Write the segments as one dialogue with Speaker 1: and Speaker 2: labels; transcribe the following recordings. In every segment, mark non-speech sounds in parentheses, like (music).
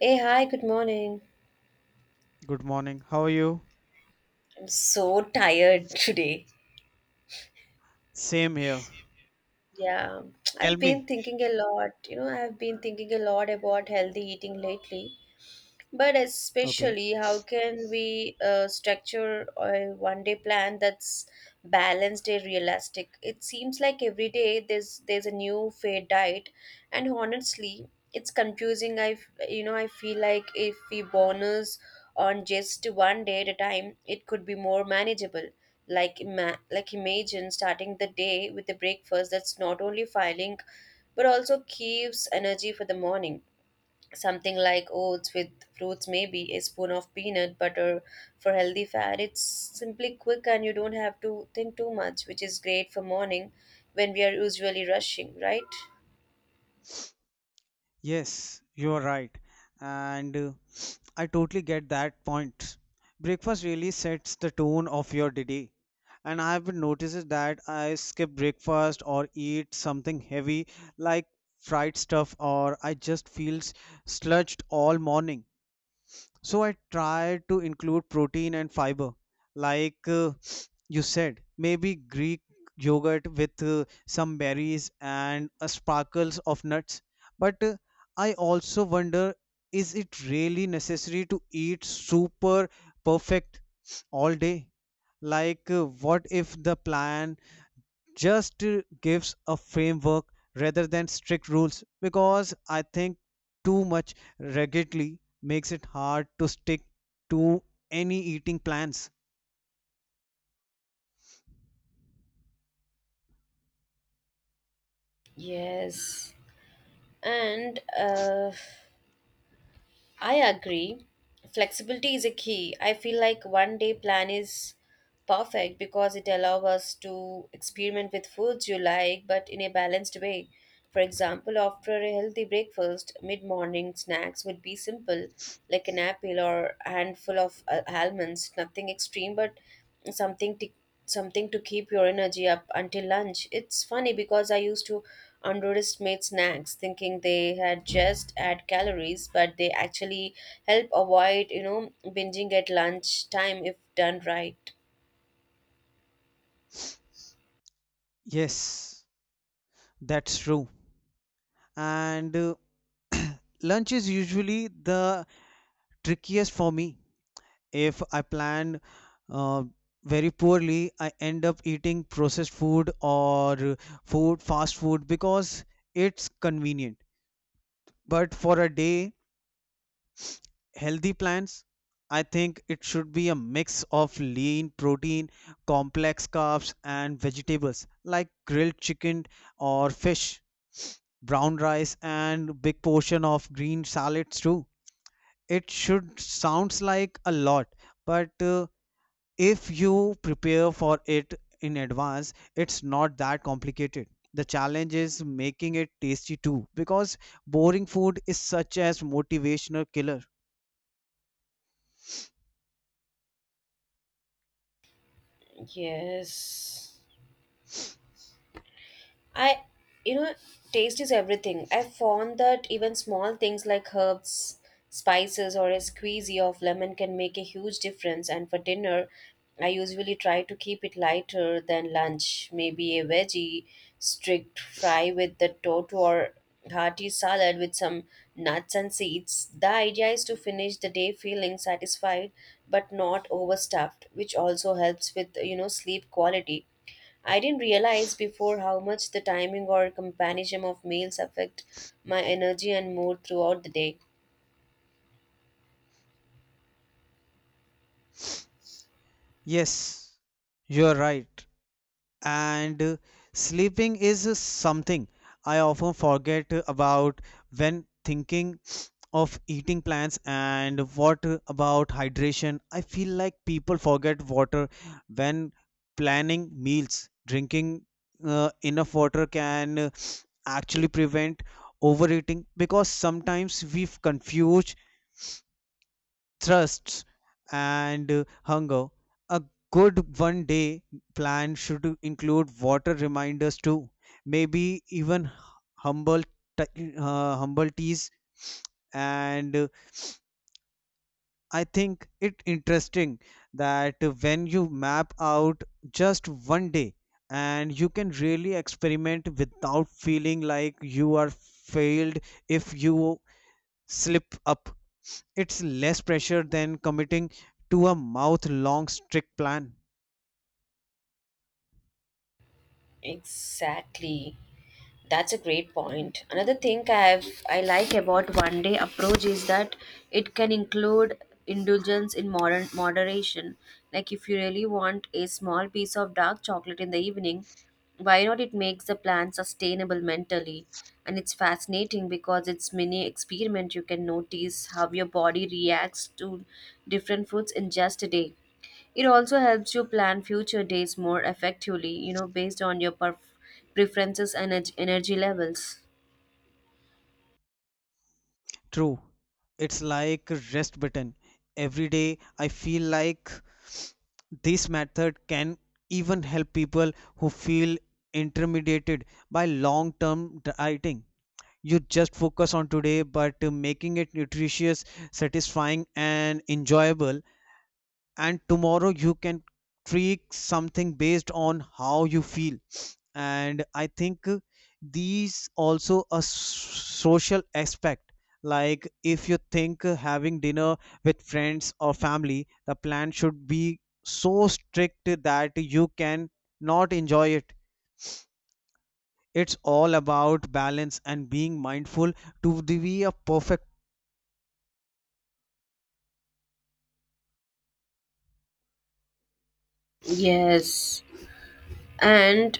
Speaker 1: Hey, hi, good morning.
Speaker 2: Good morning. How are you?
Speaker 1: I'm so tired today.
Speaker 2: Same here.
Speaker 1: Yeah,
Speaker 2: Tell
Speaker 1: I've been
Speaker 2: me.
Speaker 1: thinking a lot, I've been thinking a lot about healthy eating lately. But
Speaker 2: Okay.
Speaker 1: especially, how can we structure a one day plan that's balanced and realistic? It seems like every day there's a new fair diet, and honestly, it's confusing. I f- you know I feel like if we bonus on just one day at a time, it could be more manageable. Like imagine starting the day with a breakfast that's not only filling but also keeps energy for the morning, something like oats with fruits, maybe a spoon of peanut butter for healthy fat. It's simply quick and you don't have to think too much, which is great for morning when we are usually rushing, right?
Speaker 2: Yes, you are right. And I totally get that point. Breakfast really sets the tone of your day. And I have been noticed that I skip breakfast or eat something heavy like fried stuff, or I just feel sludged all morning. So I tried to include protein and fiber, like you said, maybe Greek yogurt with some berries and sparkles of nuts. But I also wonder, is it really necessary to eat super perfect all day? Like, what if the plan just gives a framework rather than strict rules, because I think too much rigidly makes it hard to stick to any eating plans.
Speaker 1: Yes, and I agree. Flexibility is a key. I feel like one day plan is perfect because it allows us to experiment with foods you like but in a balanced way. For example, after a healthy breakfast, mid morning snacks would be simple, like an apple or a handful of almonds, nothing extreme but something t- something to keep your energy up until lunch. It's funny because I used to underestimate snacks, thinking they had just add calories, but they actually help avoid, binging at lunch time if done right.
Speaker 2: Yes, that's true. And (clears throat) lunch is usually the trickiest for me. If I plan uh, very poorly, I end up eating processed food or food fast food because it's convenient. But for a day healthy plans, I think it should be a mix of lean protein, complex carbs, and vegetables, like grilled chicken or fish, brown rice, and big portion of green salads too. It should sounds like a lot, but if you prepare for it in advance, it's not that complicated. The challenge is making it tasty too, because boring food is such as motivational killer.
Speaker 1: Yes. I, you know, Taste is everything. I found that even small things like herbs, spices, or a squeezy of lemon can make a huge difference. And for dinner, I usually try to keep it lighter than lunch. Maybe a veggie strict fry with the totu or hearty salad with some nuts and seeds. The idea is to finish the day feeling satisfied but not overstuffed, which also helps with sleep quality. I didn't realize before how much the timing or companionship of meals affect my energy and mood throughout the day.
Speaker 2: Yes, you're right. And sleeping is something I often forget about when thinking of eating plans. And what about hydration? I feel like people forget water when planning meals. Drinking enough water can actually prevent overeating, because sometimes we've confused thrusts and hunger. A good one day plan should include water reminders too, maybe even humble humble teas. And I think it interesting that when you map out just one day, and you can really experiment without feeling like you are failed if you slip up. It's less pressure than committing to a mouth long strict plan.
Speaker 1: Exactly. That's a great point. Another thing I like about one day approach is that it can include indulgence in modern moderation. Like if you really want a small piece of dark chocolate in the evening, why not? It makes the plan sustainable mentally. And it's fascinating because it's mini experiment, you can notice how your body reacts to different foods in just a day. It also helps you plan future days more effectively, based on your preferences and energy levels.
Speaker 2: True. It's like a rest button. Every day I feel like this method can even help people who feel intimidated by long term dieting. You just focus on today, but making it nutritious, satisfying, and enjoyable, and tomorrow you can tweak something based on how you feel. And I think these also a social aspect. Like if you think having dinner with friends or family, the plan should be so strict that you can not enjoy it. It's all about balance and being mindful to the be a perfect.
Speaker 1: Yes, and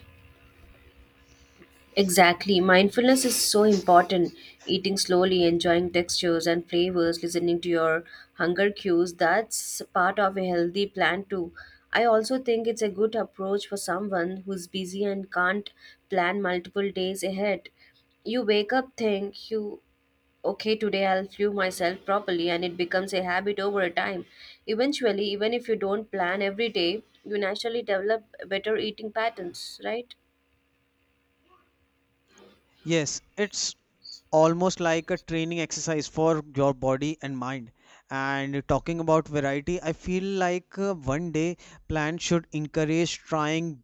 Speaker 1: exactly. Mindfulness is so important. Eating slowly, enjoying textures and flavors, listening to your hunger cues, that's part of a healthy plan too. I also think it's a good approach for someone who's busy and can't plan multiple days ahead. You wake up, think, you okay, today I'll fuel myself properly, and it becomes a habit over a time. Eventually, even if you don't plan every day, you naturally develop better eating patterns, right?
Speaker 2: Yes, it's almost like a training exercise for your body and mind. And talking about variety, I feel like one day plan should encourage trying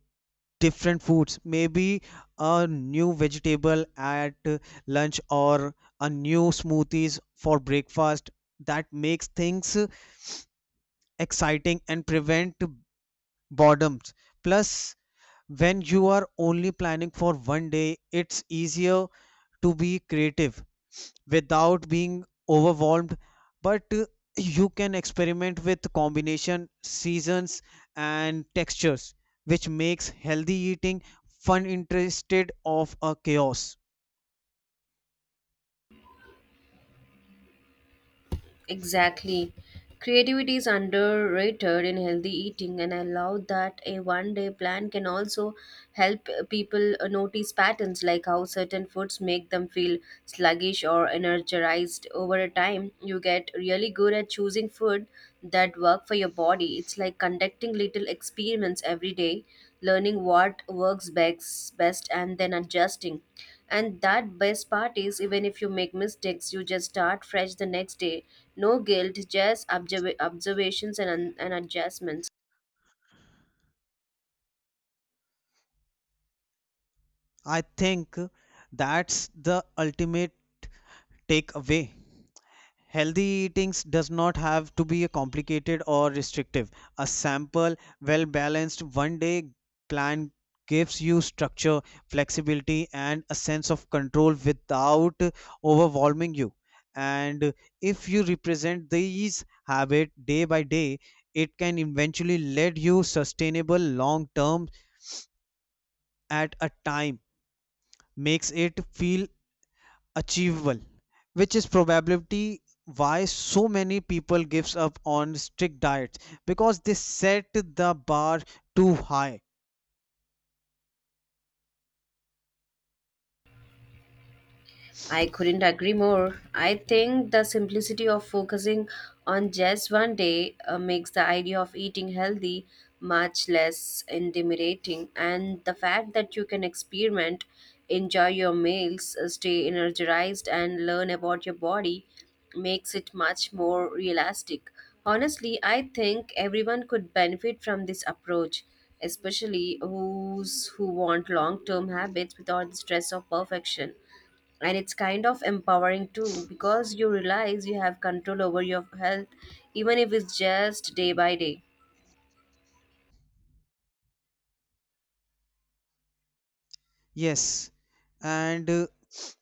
Speaker 2: different foods, maybe a new vegetable at lunch, or a new smoothies for breakfast. That makes things exciting and prevent boredom. Plus, when you are only planning for one day, it's easier to be creative without being overwhelmed, but you can experiment with combination seasons and textures, which makes healthy eating fun interested of a chaos.
Speaker 1: Exactly. Creativity is underrated in healthy eating, and I love that a one day plan can also help people notice patterns like how certain foods make them feel sluggish or energized over a time. You get really good at choosing food that work for your body. It's like conducting little experiments every day, learning what works best and then adjusting. And that best part is, even if you make mistakes, you just start fresh the next day. No guilt, just observations and adjustments.
Speaker 2: I think that's the ultimate takeaway. Healthy eatings does not have to be complicated or restrictive. A simple, well-balanced one-day plan gives you structure, flexibility, and a sense of control without overwhelming you. And if you represent these habits day by day, it can eventually lead you sustainable long term at a time. Makes it feel achievable, which is probability why so many people gives up on strict diets, because they set the bar too high.
Speaker 1: I couldn't agree more. I think the simplicity of focusing on just one day makes the idea of eating healthy much less intimidating, and the fact that you can experiment, enjoy your meals, stay energized, and learn about your body makes it much more realistic. Honestly, I think everyone could benefit from this approach, especially who want long-term habits without the stress of perfection. And it's kind of empowering too, because you realize you have control over your health, even if it's just day by day.
Speaker 2: Yes, and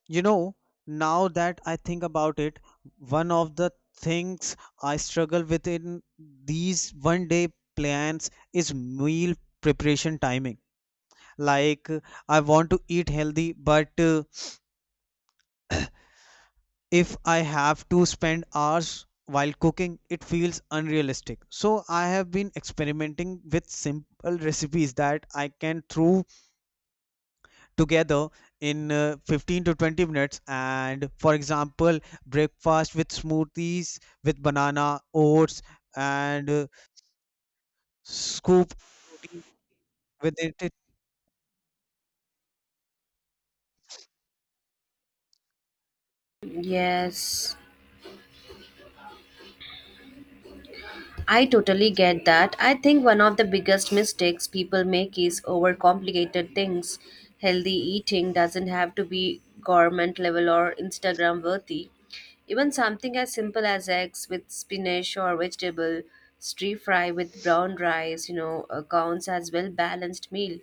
Speaker 2: you know, now that I think about it, one of the things I struggle with in these one day plans is meal preparation timing. like uh, I want to eat healthy, but if I have to spend hours while cooking, it feels unrealistic. So I have been experimenting with simple recipes that I can throw together in 15 to 20 minutes. And for example, breakfast with smoothies with banana, oats, and scoop protein with it.
Speaker 1: Yes, I totally get that. I think one of the biggest mistakes people make is overcomplicated things. Healthy eating doesn't have to be government level or Instagram worthy. Even something as simple as eggs with spinach or vegetable stir fry with brown rice, counts as well balanced meal.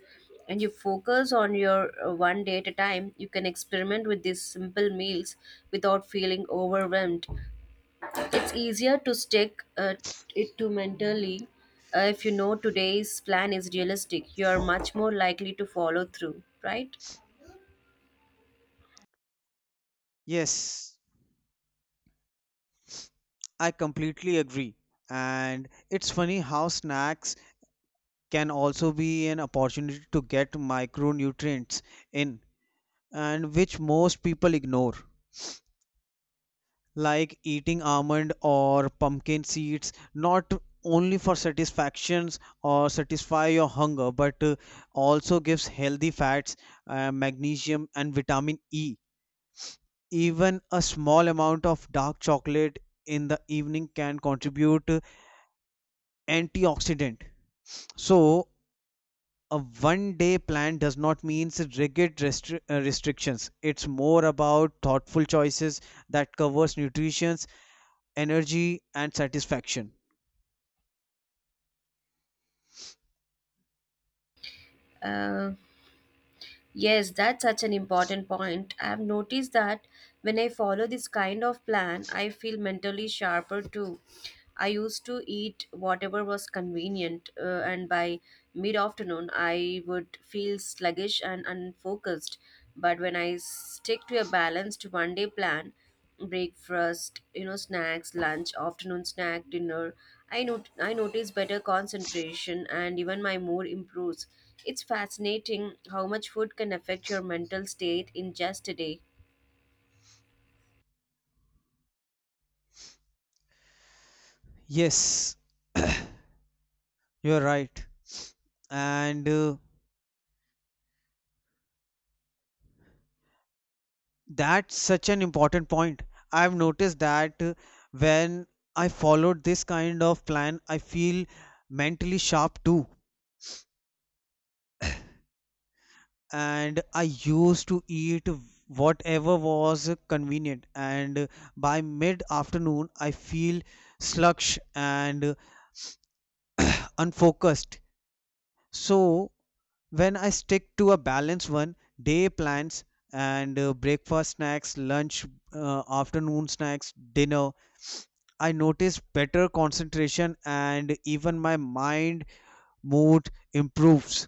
Speaker 1: And you focus on your one day at a time, you can experiment with these simple meals without feeling overwhelmed. It's easier to stick it to mentally if you know today's plan is realistic. You are much more likely to follow through, right?
Speaker 2: Yes, I completely agree. And it's funny how snacks can also be an opportunity to get micronutrients in, and which most people ignore, like eating almond or pumpkin seeds not only for satisfactions or satisfy your hunger, but also gives healthy fats, magnesium, and vitamin e. Even a small amount of dark chocolate in the evening can contribute antioxidant. So a one day plan does not mean rigid restrictions. It's more about thoughtful choices that covers nutrition, energy, and satisfaction.
Speaker 1: Uh, yes, that's such an important point. I've noticed that when I follow this kind of plan, I feel mentally sharper too. I used to eat whatever was convenient, and by mid afternoon, I would feel sluggish and unfocused. But when I stick to a balanced one day plan, breakfast, snacks, lunch, afternoon snack, dinner. I not- I notice better concentration and even my mood improves. It's fascinating how much food can affect your mental state in just a day.
Speaker 2: Yes, you're right. and that's such an important point. I've noticed that when I followed this kind of plan, I feel mentally sharp too. And I used to eat whatever was convenient, and by mid afternoon I feel sluggish and unfocused. So when I stick to a balanced one day plans, and breakfast snacks lunch, afternoon snacks dinner, I notice better concentration and even my mind mood improves.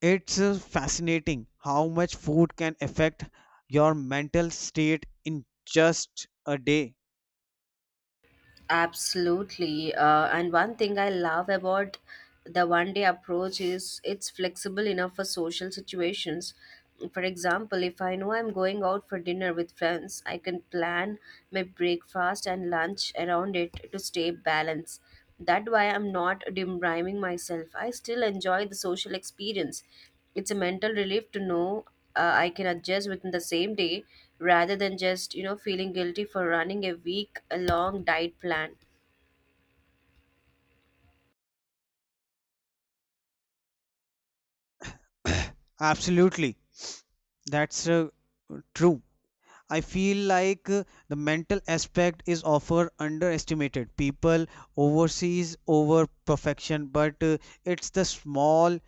Speaker 2: It's fascinating how much food can affect your mental state in just a day.
Speaker 1: Absolutely. And one thing I love about the one day approach is it's flexible enough for social situations. For example, if I know I'm going out for dinner with friends, I can plan my breakfast and lunch around it to stay balanced. That way, I'm not dim rhyming myself. I still enjoy the social experience. It's a mental relief to know I can adjust within the same day rather than just, feeling guilty for running a week long diet plan.
Speaker 2: (coughs) (clears throat) Absolutely, that's true. I feel like the mental aspect is often underestimated. People overseas over perfection, but it's the small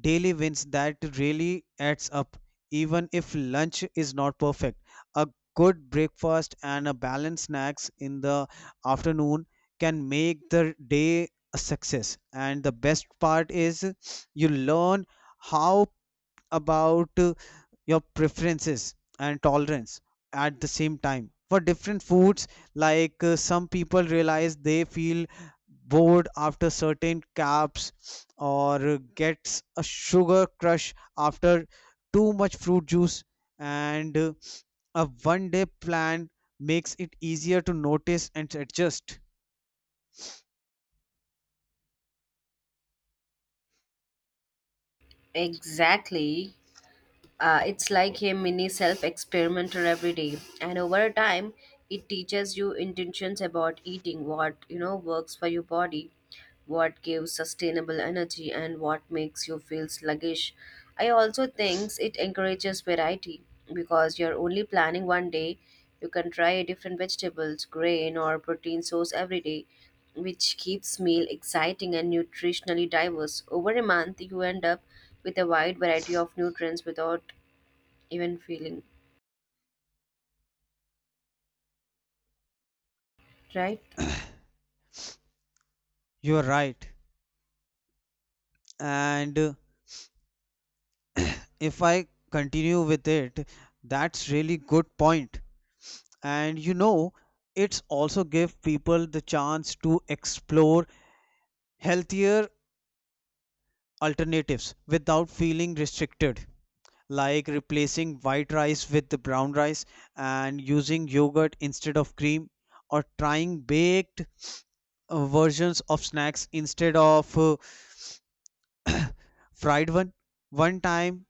Speaker 2: daily wins that really adds up. Even if lunch is not perfect, a good breakfast and a balanced snacks in the afternoon can make the day a success. And the best part is you learn how about your preferences and tolerance at the same time for different foods. Like some people realize they feel bored after certain carbs, or gets a sugar crush after too much fruit juice. And a one day plan makes it easier to notice and adjust.
Speaker 1: Exactly. It's like a mini self experimenter every day. And over time, it teaches you intentions about eating, what works for your body, what gives sustainable energy, and what makes you feel sluggish. I also think it encourages variety because you're only planning one day. You can try different vegetables, grain, or protein source every day, which keeps meal exciting and nutritionally diverse. Over a month, you end up with a wide variety of nutrients without even feeling right.
Speaker 2: You're right, and if I continue with it, that's really good point. And you know, it's also give people the chance to explore healthier alternatives without feeling restricted, like replacing white rice with the brown rice, and using yogurt instead of cream, or trying baked versions of snacks instead of fried one one time.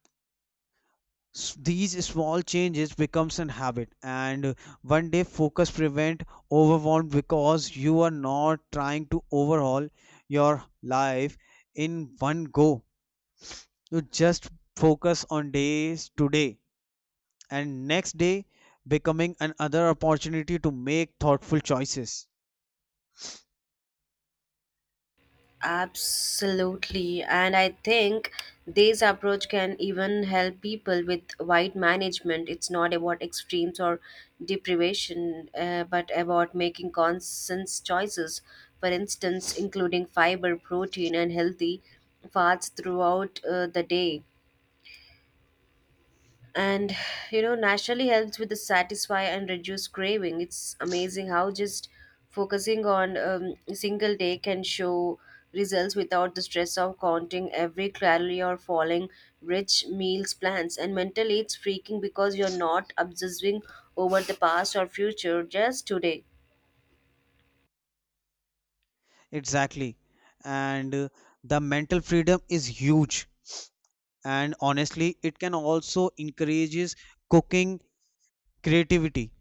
Speaker 2: These small changes becomes an habit, and one day focus prevent overwhelm, because you are not trying to overhaul your life in one go. You just focus on days today, and next day becoming another opportunity to make thoughtful choices.
Speaker 1: Absolutely, and I think this approach can even help people with weight management. It's not about extremes or deprivation, but about making conscious choices. For instance, including fiber, protein, and healthy fats throughout the day, and naturally helps with the satisfy and reduce craving. It's amazing how just focusing on a single day can show results without the stress of counting every calorie or following rich meals plans. And mentally it's freaking because you're not obsessing over the past or future, just today.
Speaker 2: Exactly. And the mental freedom is huge, and honestly it can also encourages cooking creativity,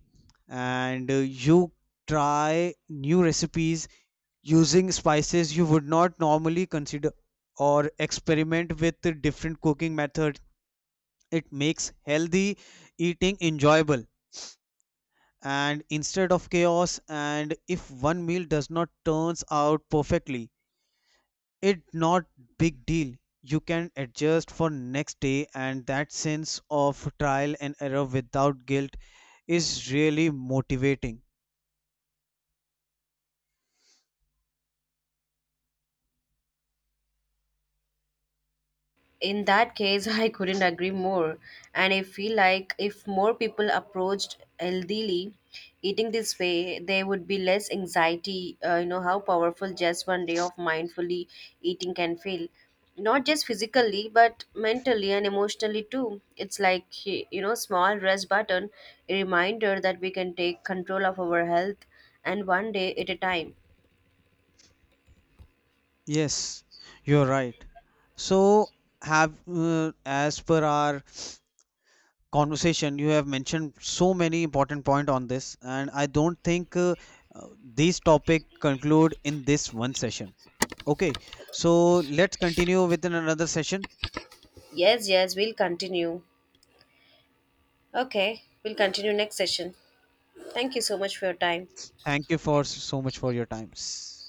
Speaker 2: and you try new recipes using spices you would not normally consider, or experiment with the different cooking methods. It makes healthy eating enjoyable and instead of chaos. And if one meal does not turns out perfectly, it not big deal. You can adjust for next day, and that sense of trial and error without guilt is really motivating.
Speaker 1: In that case, (laughs) I couldn't agree more. And I feel like if more people approached healthily eating this way, there would be less anxiety. You know how powerful just one day of mindfully eating can feel, not just physically, but mentally and emotionally too. It's like, small rest button, a reminder that we can take control of our health, and one day at a time.
Speaker 2: Yes, you're right. So, have as per our conversation, you have mentioned so many important point on this, and I don't think this topic conclude in this one session. Okay, so let's continue within another session.
Speaker 1: Yes, yes, we'll continue. Okay, we'll continue next session. Thank you so much for your time.
Speaker 2: Thank you for so much for your times.